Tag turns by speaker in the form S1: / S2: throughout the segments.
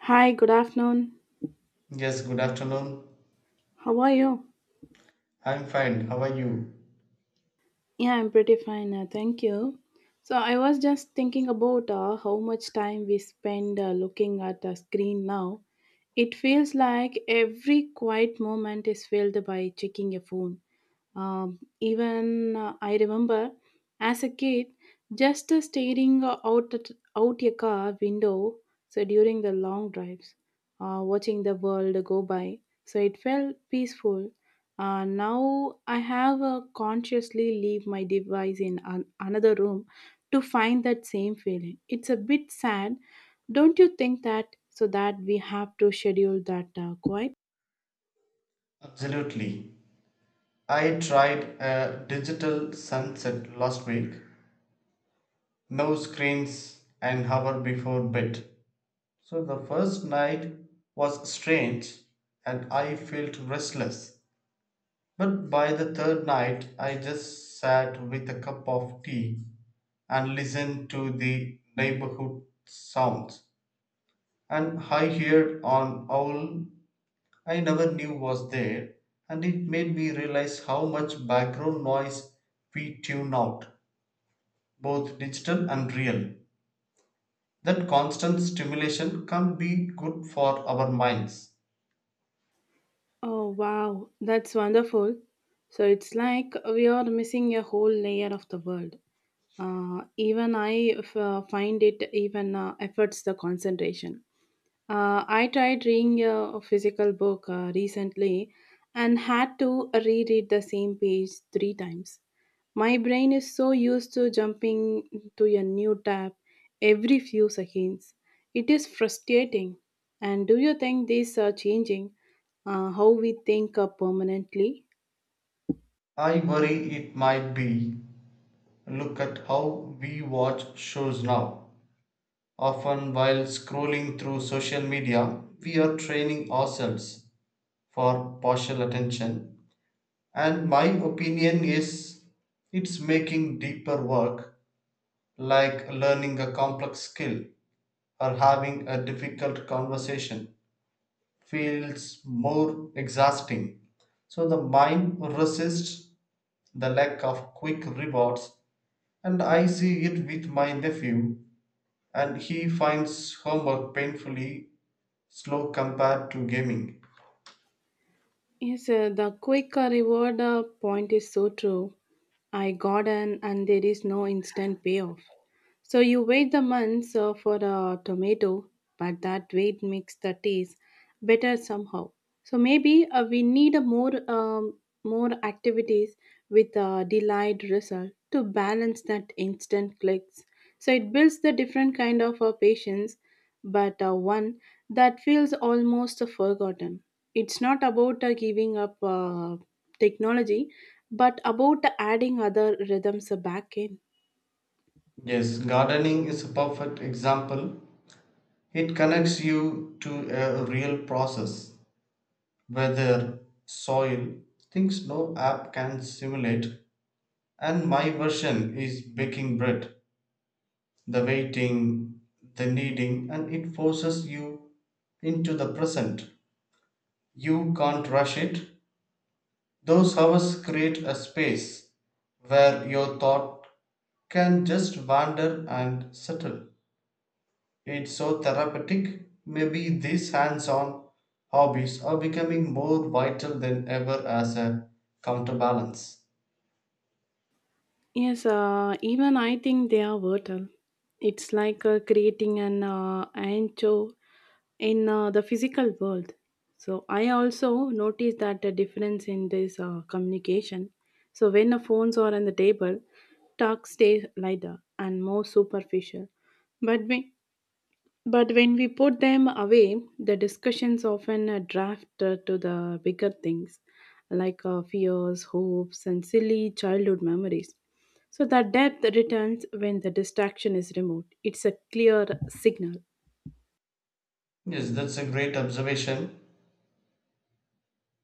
S1: Hi, good afternoon.
S2: Yes, good afternoon.
S1: How are you?
S2: I'm fine. How are you?
S1: Yeah, I'm pretty fine. Thank you. So, I was just thinking about how much time we spend looking at the screen now. It feels like every quiet moment is filled by checking a phone. Even I remember as a kid just staring out a car window so during the long drives, watching the world go by. So it felt peaceful. Now I have consciously leave my device in another room to find that same feeling. It's a bit sad, don't you think that? So that we have to schedule that quiet.
S2: Absolutely. I tried a digital sunset last week. No screens an hour before bed. So the first night was strange and I felt restless. But by the third night, I just sat with a cup of tea and listened to the neighborhood sounds. And I heard an owl I never knew was there, and it made me realize how much background noise we tune out, both digital and real. That constant stimulation can't be good for our minds.
S1: Oh, wow, that's wonderful. So it's like we are missing a whole layer of the world. Even I find it even efforts the concentration. I tried reading a physical book recently and had to reread the same page three times. My brain is so used to jumping to a new tab every few seconds. It is frustrating. And do you think this are changing how we think permanently?
S2: I worry it might be. Look at how we watch shows now. Often, while scrolling through social media, we are training ourselves for partial attention. And my opinion is it's making deeper work, like learning a complex skill or having a difficult conversation, feels more exhausting. So the mind resists the lack of quick rewards, and I see it with my nephew, and he finds homework painfully slow compared to gaming.
S1: Yes, the quick reward point is so true. I got and there is no instant payoff. So you wait the months for a tomato, but that wait makes the taste better somehow. So maybe we need a more activities with a delayed result to balance that instant clicks. So it builds the different kind of patience, but one that feels almost forgotten. It's not about giving up technology, but about adding other rhythms back in.
S2: Yes, gardening is a perfect example. It connects you to a real process: weather, soil, things no app can simulate. And my version is baking bread, the waiting, the kneading, and it forces you into the present. You can't rush it. Those hours create a space where your thought can just wander and settle. It's so therapeutic. Maybe these hands on hobbies are becoming more vital than ever as a counterbalance.
S1: Yes, even I think they are vital. It's like creating an ancho in the physical world. So I also noticed that the difference in this communication. So when the phones are on the table, talk stays lighter and more superficial. But when but when we put them away, the discussions often draft to the bigger things like fears, hopes, and silly childhood memories. So, the depth returns when the distraction is removed. It's a clear signal.
S2: Yes, that's a great observation.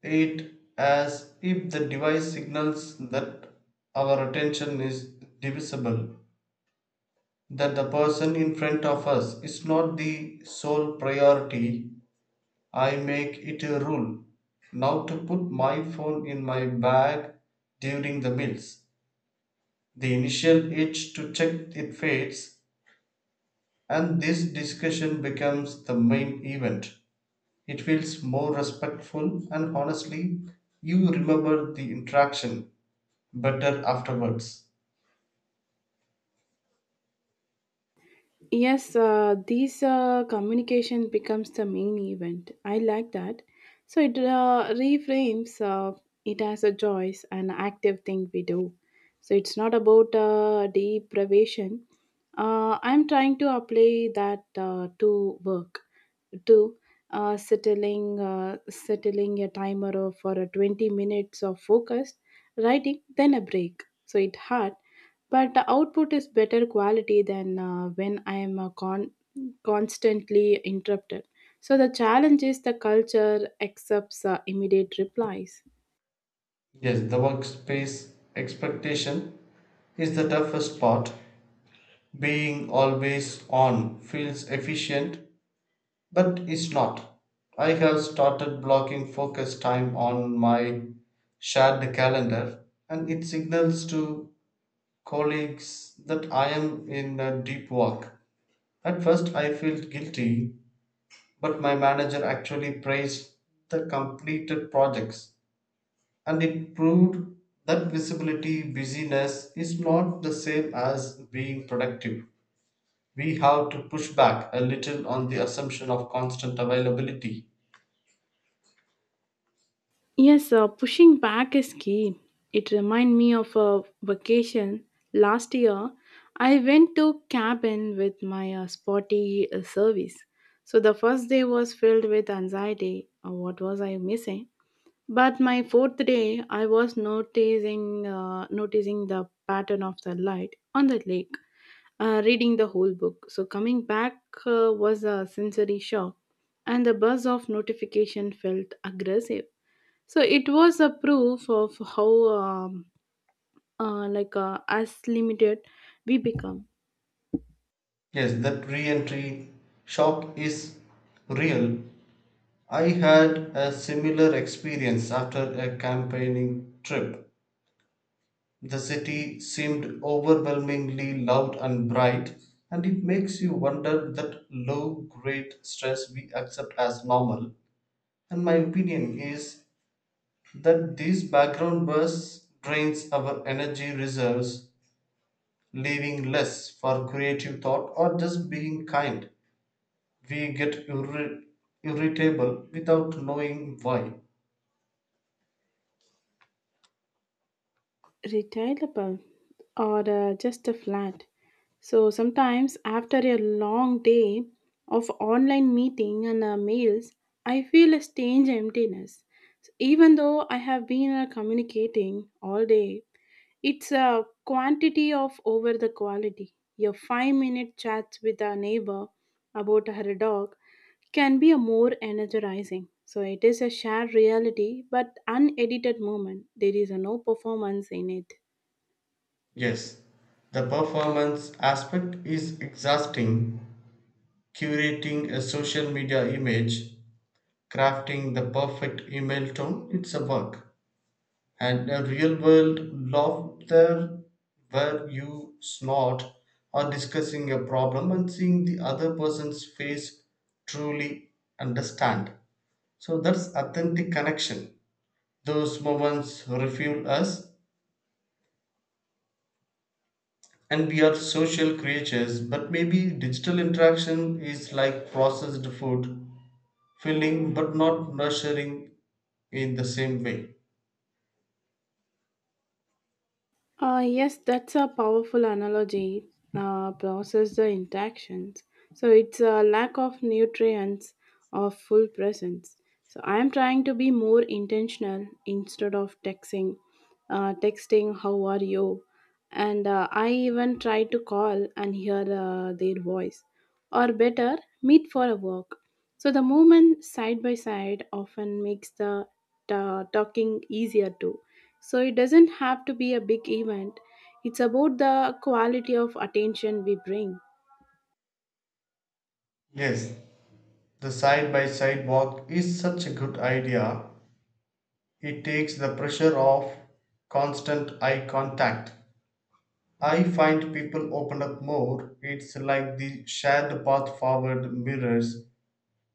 S2: It as if the device signals that our attention is divisible, that the person in front of us is not the sole priority. I make it a rule now to put my phone in my bag during the meals. The initial itch to check it fades, and this discussion becomes the main event. It feels more respectful, and honestly, you remember the interaction better afterwards.
S1: Yes, these communication becomes the main event. I like that. So it reframes it as a choice, an active thing we do. So it's not about deprivation. I'm trying to apply that to work, to settling a timer for a 20 minutes of focused writing, then a break. So it hard but the output is better quality than when I am constantly interrupted. So the challenge is the culture accepts immediate replies.
S2: Yes, the workspace expectation is the toughest part. Being always on feels efficient, but it's not. I have started blocking focus time on my shared calendar, and it signals to colleagues that I am in a deep work. At first, I felt guilty, but my manager actually praised the completed projects. And it proved that visibility busyness is not the same as being productive. We have to push back a little on the assumption of constant availability.
S1: Yes, pushing back is key. It reminds me of a vacation last year. I went to cabin with my spotty service. So the first day was filled with anxiety. What was I missing? But my fourth day, I was noticing the pattern of the light on the lake, reading the whole book. So coming back was a sensory shock, and the buzz of notification felt aggressive. So it was a proof of how um, as limited we become.
S2: Yes, that re entry shock is real. I had a similar experience after a campaigning trip. The city seemed overwhelmingly loud and bright, and it makes you wonder that low grade stress we accept as normal. And my opinion is that these background buzz drains our energy reserves, leaving less for creative thought or just being kind. We get irritable without knowing why.
S1: Retireable or just a flat. So sometimes after a long day of online meeting and mails, I feel a strange emptiness. So even though I have been communicating all day, it's a quantity of over the quality. Your 5-minute chats with a neighbor about her dog can be a more energizing. So it is a shared reality but unedited moment. There is a no performance in it.
S2: Yes, the performance aspect is exhausting. Curating a social media image, crafting the perfect email tone, it's a work. And a real world laughter where you snort, or discussing a problem and seeing the other person's face truly understand. So that's authentic connection. Those moments refuel us, and we are social creatures, but maybe digital interaction is like processed food, filling but not nurturing in the same way.
S1: Yes, that's a powerful analogy. Process the interactions. So it's a lack of nutrients of full presence. So I'm trying to be more intentional instead of texting how are you, and I even try to call and hear their voice, or better, meet for a walk. So the movement side by side often makes the talking easier too, so it doesn't have to be a big event. It's about the quality of attention we bring.
S2: Yes, the side by side walk is such a good idea. It takes the pressure off constant eye contact. I find people open up more. It's like the shared path forward mirrors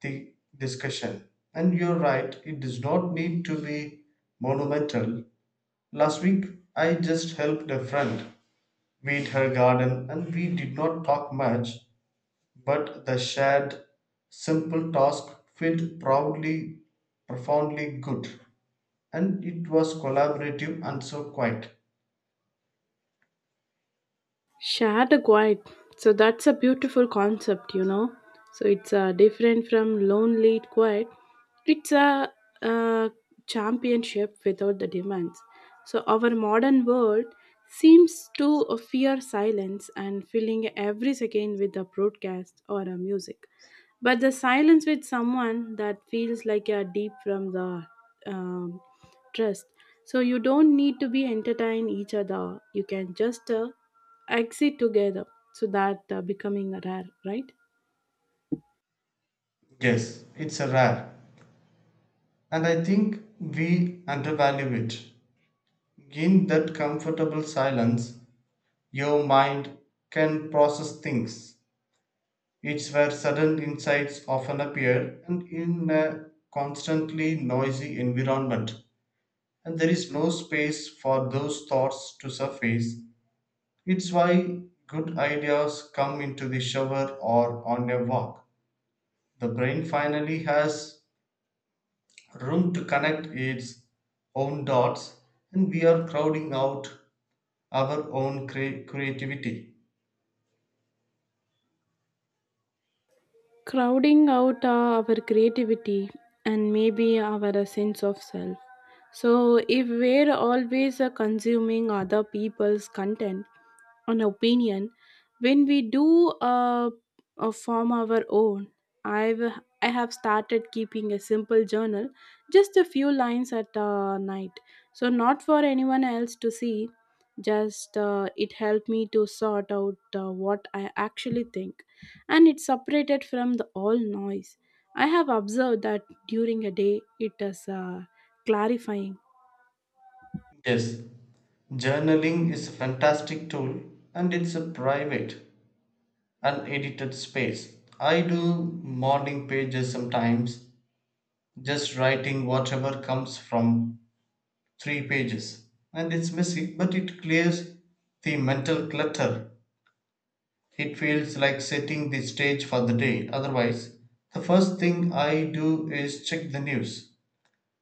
S2: the discussion. And you're right, it does not need to be monumental. Last week, I just helped a friend weed her garden, and we did not talk much, but the shared simple task felt profoundly good, and it was collaborative and so quiet.
S1: Share the quiet. So that's a beautiful concept. So it's different from lonely quiet. It's a, uh championship without the demands. So our modern world seems to fear silence and filling every second with a broadcast or a music. But the silence with someone that feels like you're deep from the um, trust. So you don't need to be entertain each other. You can just exit together. So that becoming rare, right?
S2: Yes, it's a rare, and I think we undervalue it. In that comfortable silence, your mind can process things. It's where sudden insights often appear, and in a constantly noisy environment, and there is no space for those thoughts to surface. It's why good ideas come into the shower or on a walk. The brain finally has room to connect its own dots, and we are crowding out our own creativity.
S1: Crowding out our creativity and maybe our sense of self. So, if we're always consuming other people's content and opinion, when we do form our own, I've I have started keeping a simple journal, just a few lines at night. So not for anyone else to see. Just it helped me to sort out what I actually think, and it separated from the all noise. I have observed that during a day it is clarifying.
S2: Yes, journaling is a fantastic tool, and it's a private, unedited space. I do morning pages sometimes, just writing whatever comes from three pages. And it's messy, but it clears the mental clutter. It feels like setting the stage for the day. Otherwise, the first thing I do is check the news,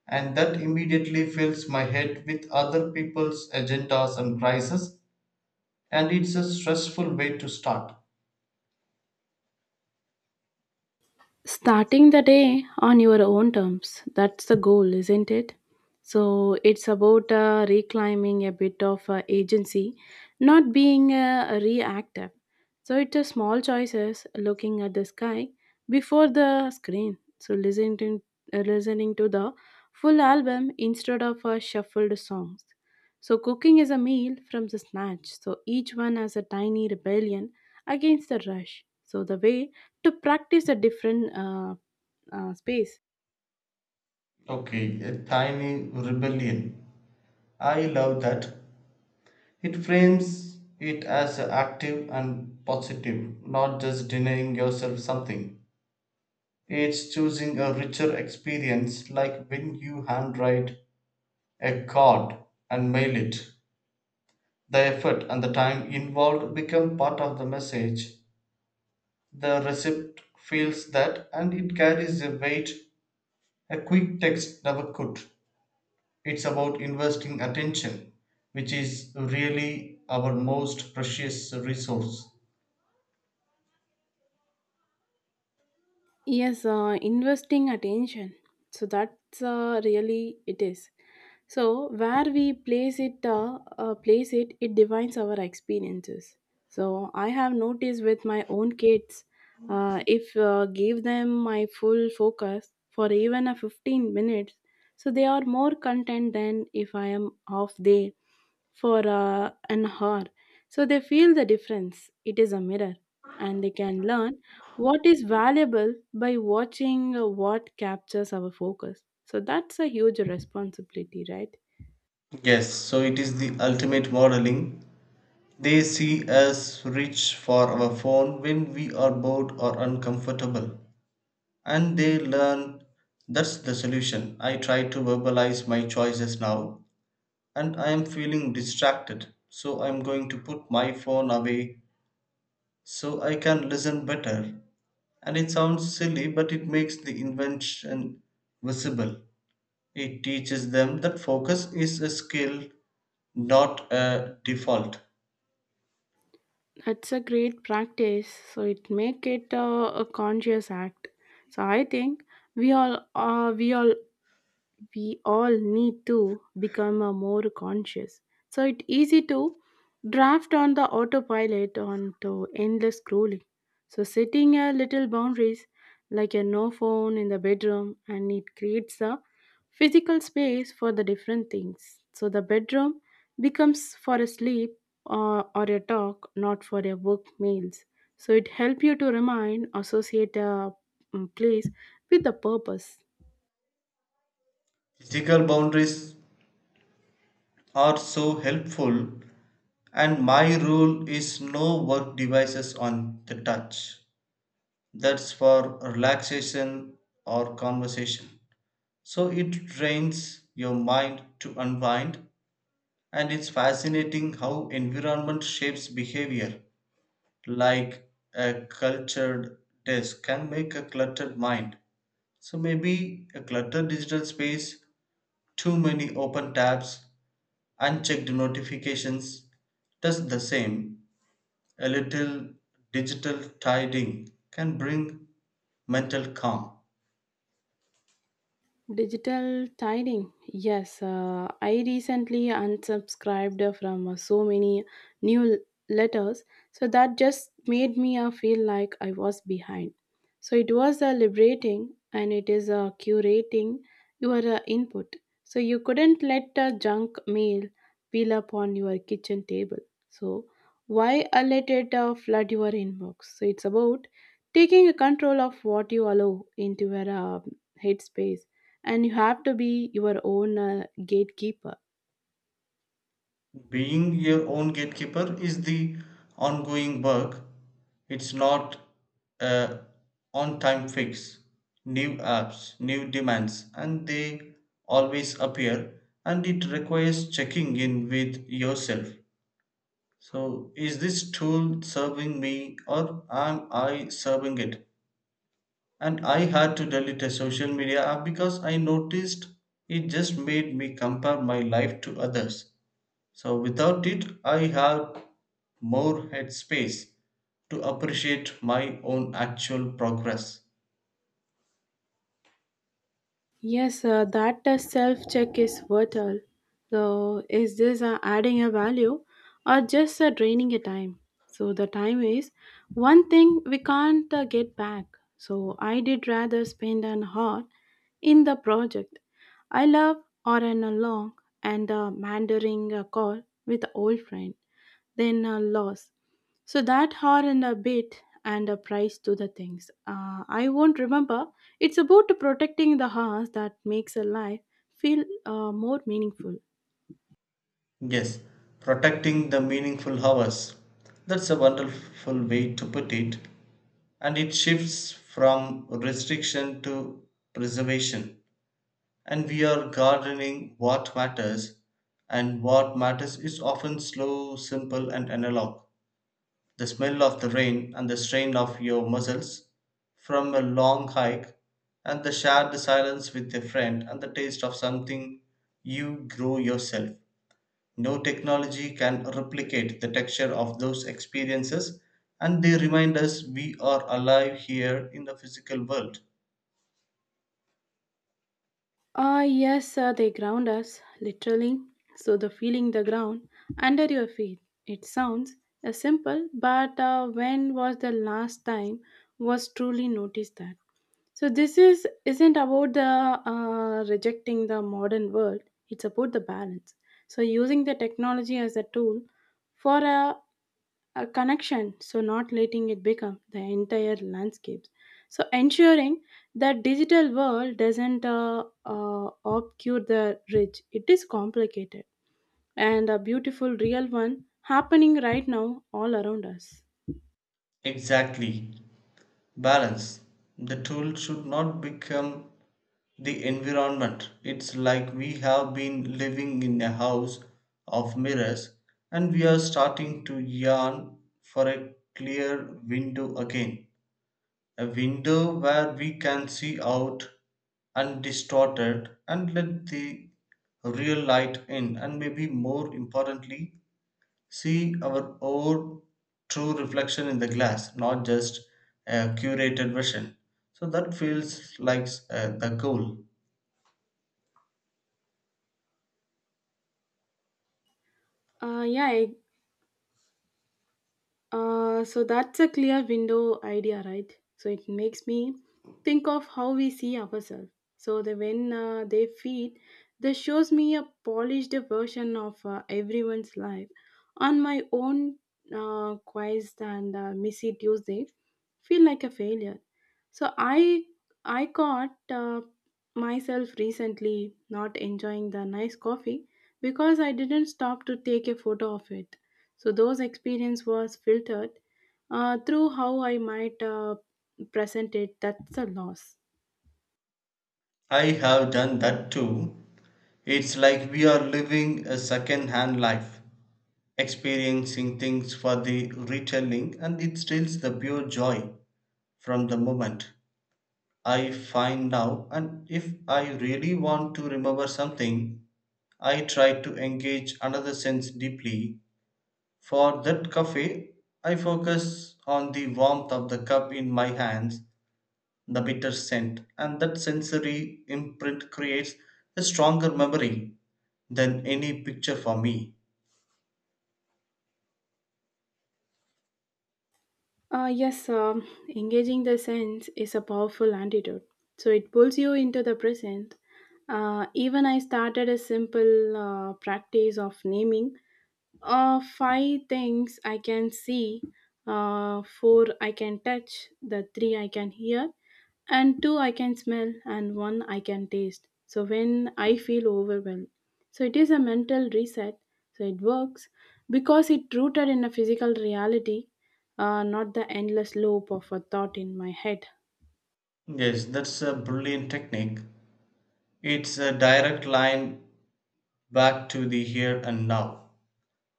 S2: and that immediately fills my head with other people's agendas and crises, and it's a stressful way to start.
S1: Starting the day on your own terms, that's the goal, isn't it? So it's about reclaiming a bit of agency, not being reactive. So it's a small choices looking at the sky before the screen. So listening to the full album instead of shuffled songs. So cooking is a meal from the snatch. So each one has a tiny rebellion against the rush. So the way to practice a different space.
S2: Okay, a tiny rebellion. I love that. It frames it as active and positive, not just denying yourself something. It's choosing a richer experience, like when you handwrite a card and mail it. The effort and the time involved become part of the message. The recipient feels that, and it carries a weight a quick text never could. It's about investing attention, which is really our most precious resource.
S1: Yes, investing attention, so that's really it is. So where we place it, it defines our experiences. So I have noticed with my own kids, if give them my full focus for even a 15 minutes, so they are more content than if I am half day for an hour. So they feel the difference. It is a mirror, and they can learn what is valuable by watching what captures our focus. So that's a huge responsibility, right?
S2: Yes, so it is the ultimate modeling. They see us reach for our phone when we are bored or uncomfortable, and they learn that's the solution. I try to verbalize my choices now, and I am feeling distracted, so I'm going to put my phone away so I can listen better. And it sounds silly, but it makes the invention visible. It teaches them that focus is a skill, not a default.
S1: That's a great practice. So it make it a conscious act. So I think we all uh, we all we all need to become a more conscious. So it's easy to draft on the autopilot onto endless scrolling. So setting a little boundaries like a no phone in the bedroom, and it creates a physical space for the different things. So the bedroom becomes for a sleep or a talk, not for a work meals. So it helps you to remind associate a place with a purpose.
S2: Physical boundaries are so helpful, and my rule is no work devices on the touch. That's for relaxation or conversation. So it trains your mind to unwind, and it's fascinating how environment shapes behavior, like a cultured desk can make a cluttered mind. So maybe a cluttered digital space, too many open tabs, unchecked notifications, does the same. A little digital tidying can bring mental calm.
S1: Digital tiding. Yes, I recently unsubscribed from so many new letters, so that just made me feel like I was behind. So it was liberating, and it is curating your input. So you couldn't let a junk mail pile up on your kitchen table. So why let it flood your inbox? So it's about taking control of what you allow into your headspace, and you have to be your own gatekeeper.
S2: Being your own gatekeeper is the ongoing work. It's not a on time fix. New apps, new demands, and they always appear, and it requires checking in with yourself. So, is this tool serving me, or am I serving it? And I had to delete a social media app because I noticed it just made me compare my life to others. So without it, I have more headspace to appreciate my own actual progress.
S1: Yes, that self check is vital. So, is this adding a value or just draining a time? So, the time is one thing we can't get back. So, I did rather spend an hour in the project I love or an a long and a mandering call with old friend than a loss. So that hour and a bit and a price to the things. I won't remember. It's about protecting the house that makes a life feel more meaningful.
S2: Yes, protecting the meaningful hours. That's a wonderful way to put it. And it shifts from restriction to preservation. And we are gardening what matters, and what matters is often slow, simple, and analog. The smell of the rain, and the strain of your muscles from a long hike, and the shared silence with a friend, and the taste of something you grow yourself. No technology can replicate the texture of those experiences, and they remind us we are alive here in the physical world.
S1: Ah, yes, they ground us, literally. So the feeling the ground under your feet. It sounds simple, but when was the last time was truly noticed that? So this is isn't about the rejecting the modern world. It's about the balance. So using the technology as a tool for a connection, so not letting it become the entire landscapes. So ensuring that digital world doesn't obscure the rich. It is complicated and a beautiful real one happening right now all around us.
S2: Exactly. Balance. The tool should not become the environment. It's like we have been living in a house of mirrors, and we are starting to yearn for a clear window again. A window where we can see out undistorted and let the real light in, and maybe more importantly, see our own true reflection in the glass, not just a curated version. So that feels like the goal.
S1: Yeah, so that's a clear window idea, right? So it makes me think of how we see ourselves. So the when they feed, this shows me a polished version of everyone's life. On my own quest and missy Tuesday, feel like a failure. So I caught myself recently not enjoying the nice coffee because I didn't stop to take a photo of it. So those experience was filtered through how I might present it. That's a loss.
S2: I have done that too. It's like we are living a second hand life, experiencing things for the retelling, and it steals the pure joy from the moment. I find now, and if I really want to remember something, I try to engage another sense deeply. For that coffee, I focus on the warmth of the cup in my hands, the bitter scent, and that sensory imprint creates a stronger memory than any picture for me.
S1: Yes, engaging the sense is a powerful antidote. So it pulls you into the present. Even I started a simple practice of naming five things I can see, four I can touch, the three I can hear, and two I can smell, and one I can taste. So when I feel overwhelmed, so it is a mental reset. So it works because it rooted in a physical reality, not the endless loop of a thought in my head.
S2: Yes, that's a brilliant technique. It's a direct line back to the here and now.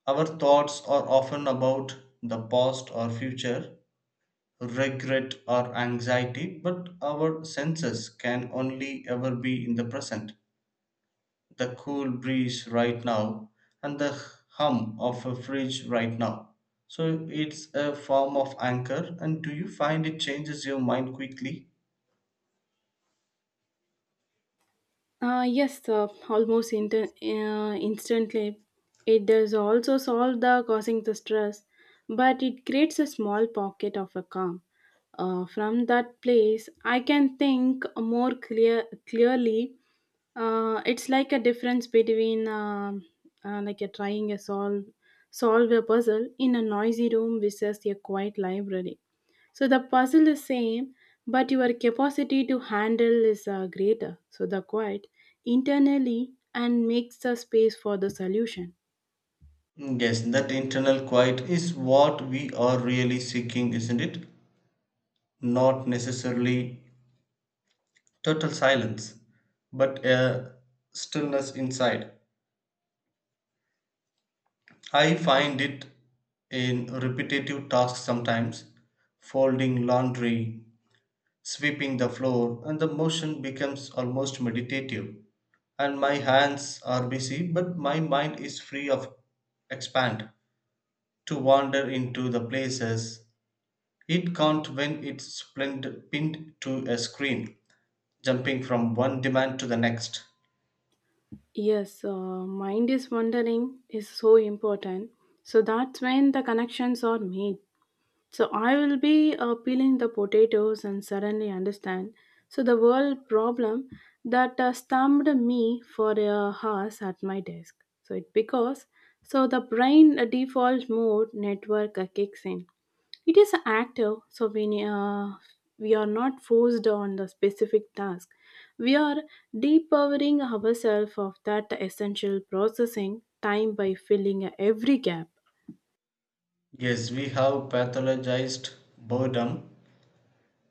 S2: Our thoughts are often about the past or future, regret or anxiety, but our senses can only ever be in the present. The cool breeze right now, and the hum of a fridge right now. So it's a form of anchor. And do you find it changes your mind quickly?
S1: Yes, almost instantly. It does also solve the causing the stress, but it creates a small pocket of a calm. From that place, I can think more clearly. It's like a difference between like a trying a solve a puzzle in a noisy room versus a quiet library. So the puzzle is same, but your capacity to handle is greater. So the quiet internally and makes the space for the solution.
S2: Mm. Yes, that internal quiet is what we are really seeking, isn't it? Not necessarily total silence, but a stillness inside. I find it in repetitive tasks sometimes, folding laundry, sweeping the floor, and the motion becomes almost meditative, and my hands are busy, but my mind is free of expand to wander into the places it can't when it's pinned to a screen, jumping from one demand to the next.
S1: Yes, mind is wondering is so important. So that's when the connections are made. So I will be peeling the potatoes and suddenly understand. So the world problem that stumped me for a hours at my desk. So it because so the brain default mode network kicks in. It is active, so we are not forced on the specific task. We are depowering ourselves of that essential processing time by filling every gap.
S2: Yes, we have pathologized boredom,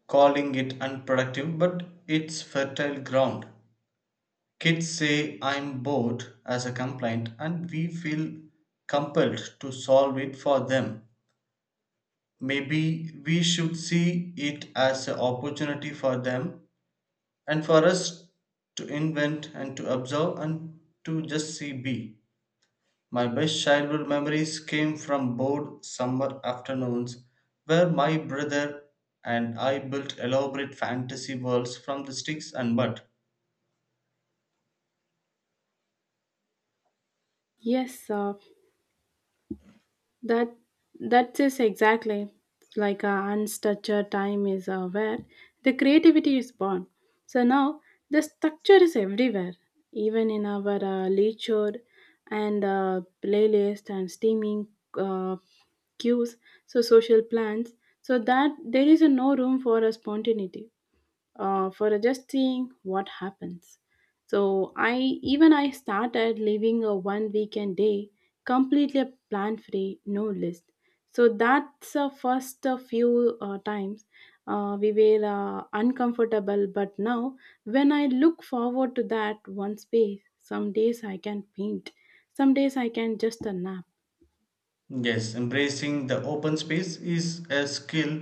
S2: calling it unproductive, but it's fertile ground. Kids say I'm bored as a complaint, and we feel compelled to solve it for them. Maybe we should see it as an opportunity for them and for us to invent and to observe and to just see be. My best childhood memories came from bored summer afternoons where my brother and I built elaborate fantasy worlds from the sticks and mud.
S1: Yes, That that is exactly like a unstructured time is where the creativity is born. So now the structure is everywhere, even in our literature and playlist and streaming uh, cues. So social plans. So that there is no room for a spontaneity for just seeing what happens. So I Even I started living a one weekend day completely plan free, no list. So that's the first few times we were uncomfortable. But now when I look forward to that one space, some days I can paint, some days I can just a nap.
S2: Yes, embracing the open space is a skill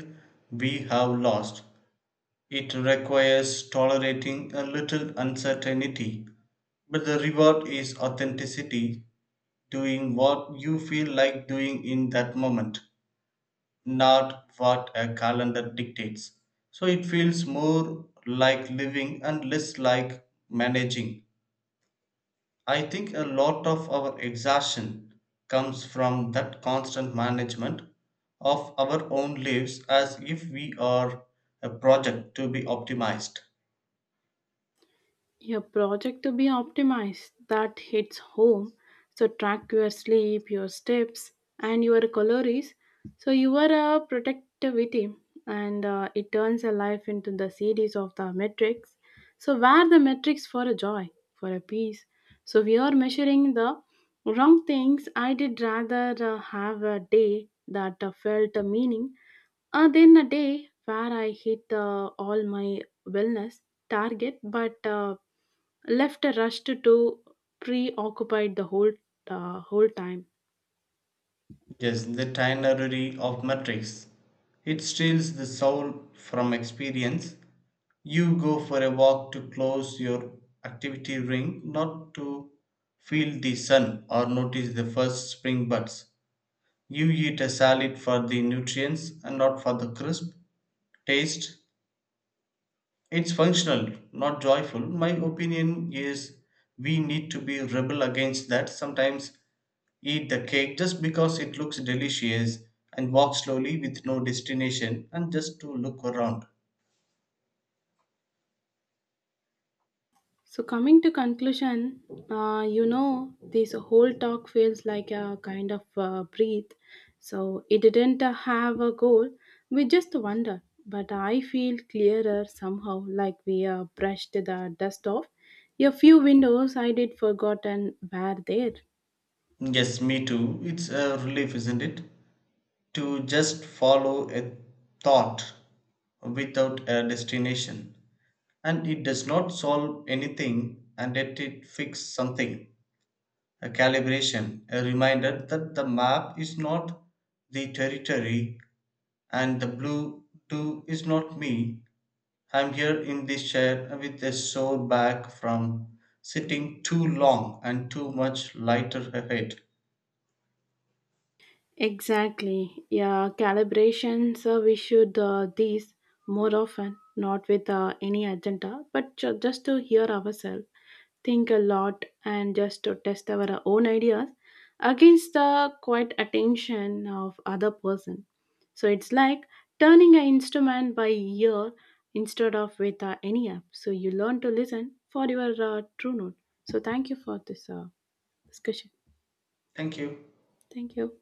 S2: we have lost. It requires tolerating a little uncertainty, but the reward is authenticity, doing what you feel like doing in that moment, not what a calendar dictates. So it feels more like living and less like managing. I think a lot of our exhaustion comes from that constant management of our own lives as if we are a project to be optimized.
S1: Your project to be optimized, that hits home. So track your sleep, your steps, and your calories. So you are a productivity, and it turns a life into the series of the metrics. So where the metrics for a joy, for a peace. So we are measuring the wrong things. I did rather have a day that felt a meaning, than a day where I hit all my wellness target, but left rushed to preoccupied the whole time.
S2: Yes, the ternary of metrics. It steals the soul from experience. You go for a walk to close your activity ring, not to feel the sun or notice the first spring buds. You eat a salad for the nutrients and not for the crisp taste, it's functional, not joyful. My opinion is we need to be rebel against that. Sometimes eat the cake just because it looks delicious, and walk slowly with no destination and just to look around.
S1: So coming to conclusion, you know this whole talk feels like a kind of breathe. So it didn't have a goal, we just wonder, but I feel clearer somehow, like we brushed the dust off a few windows I did forgotten were there.
S2: Yes, me too. It's a relief, isn't it? To just follow a thought without a destination. And it does not solve anything, and yet it fix something. A calibration, a reminder that the map is not the territory and the blue too is not me. I'm here in this chair with a sore back from sitting too long and too much lighter ahead.
S1: Exactly. Yeah, calibrations, we should these more often, not with any agenda, but just to hear ourselves, think a lot, and just to test our own ideas against the quiet attention of other person. So it's like turning an instrument by ear instead of with any app. So you learn to listen for your true note. So thank you for this discussion.
S2: Thank you.
S1: Thank you.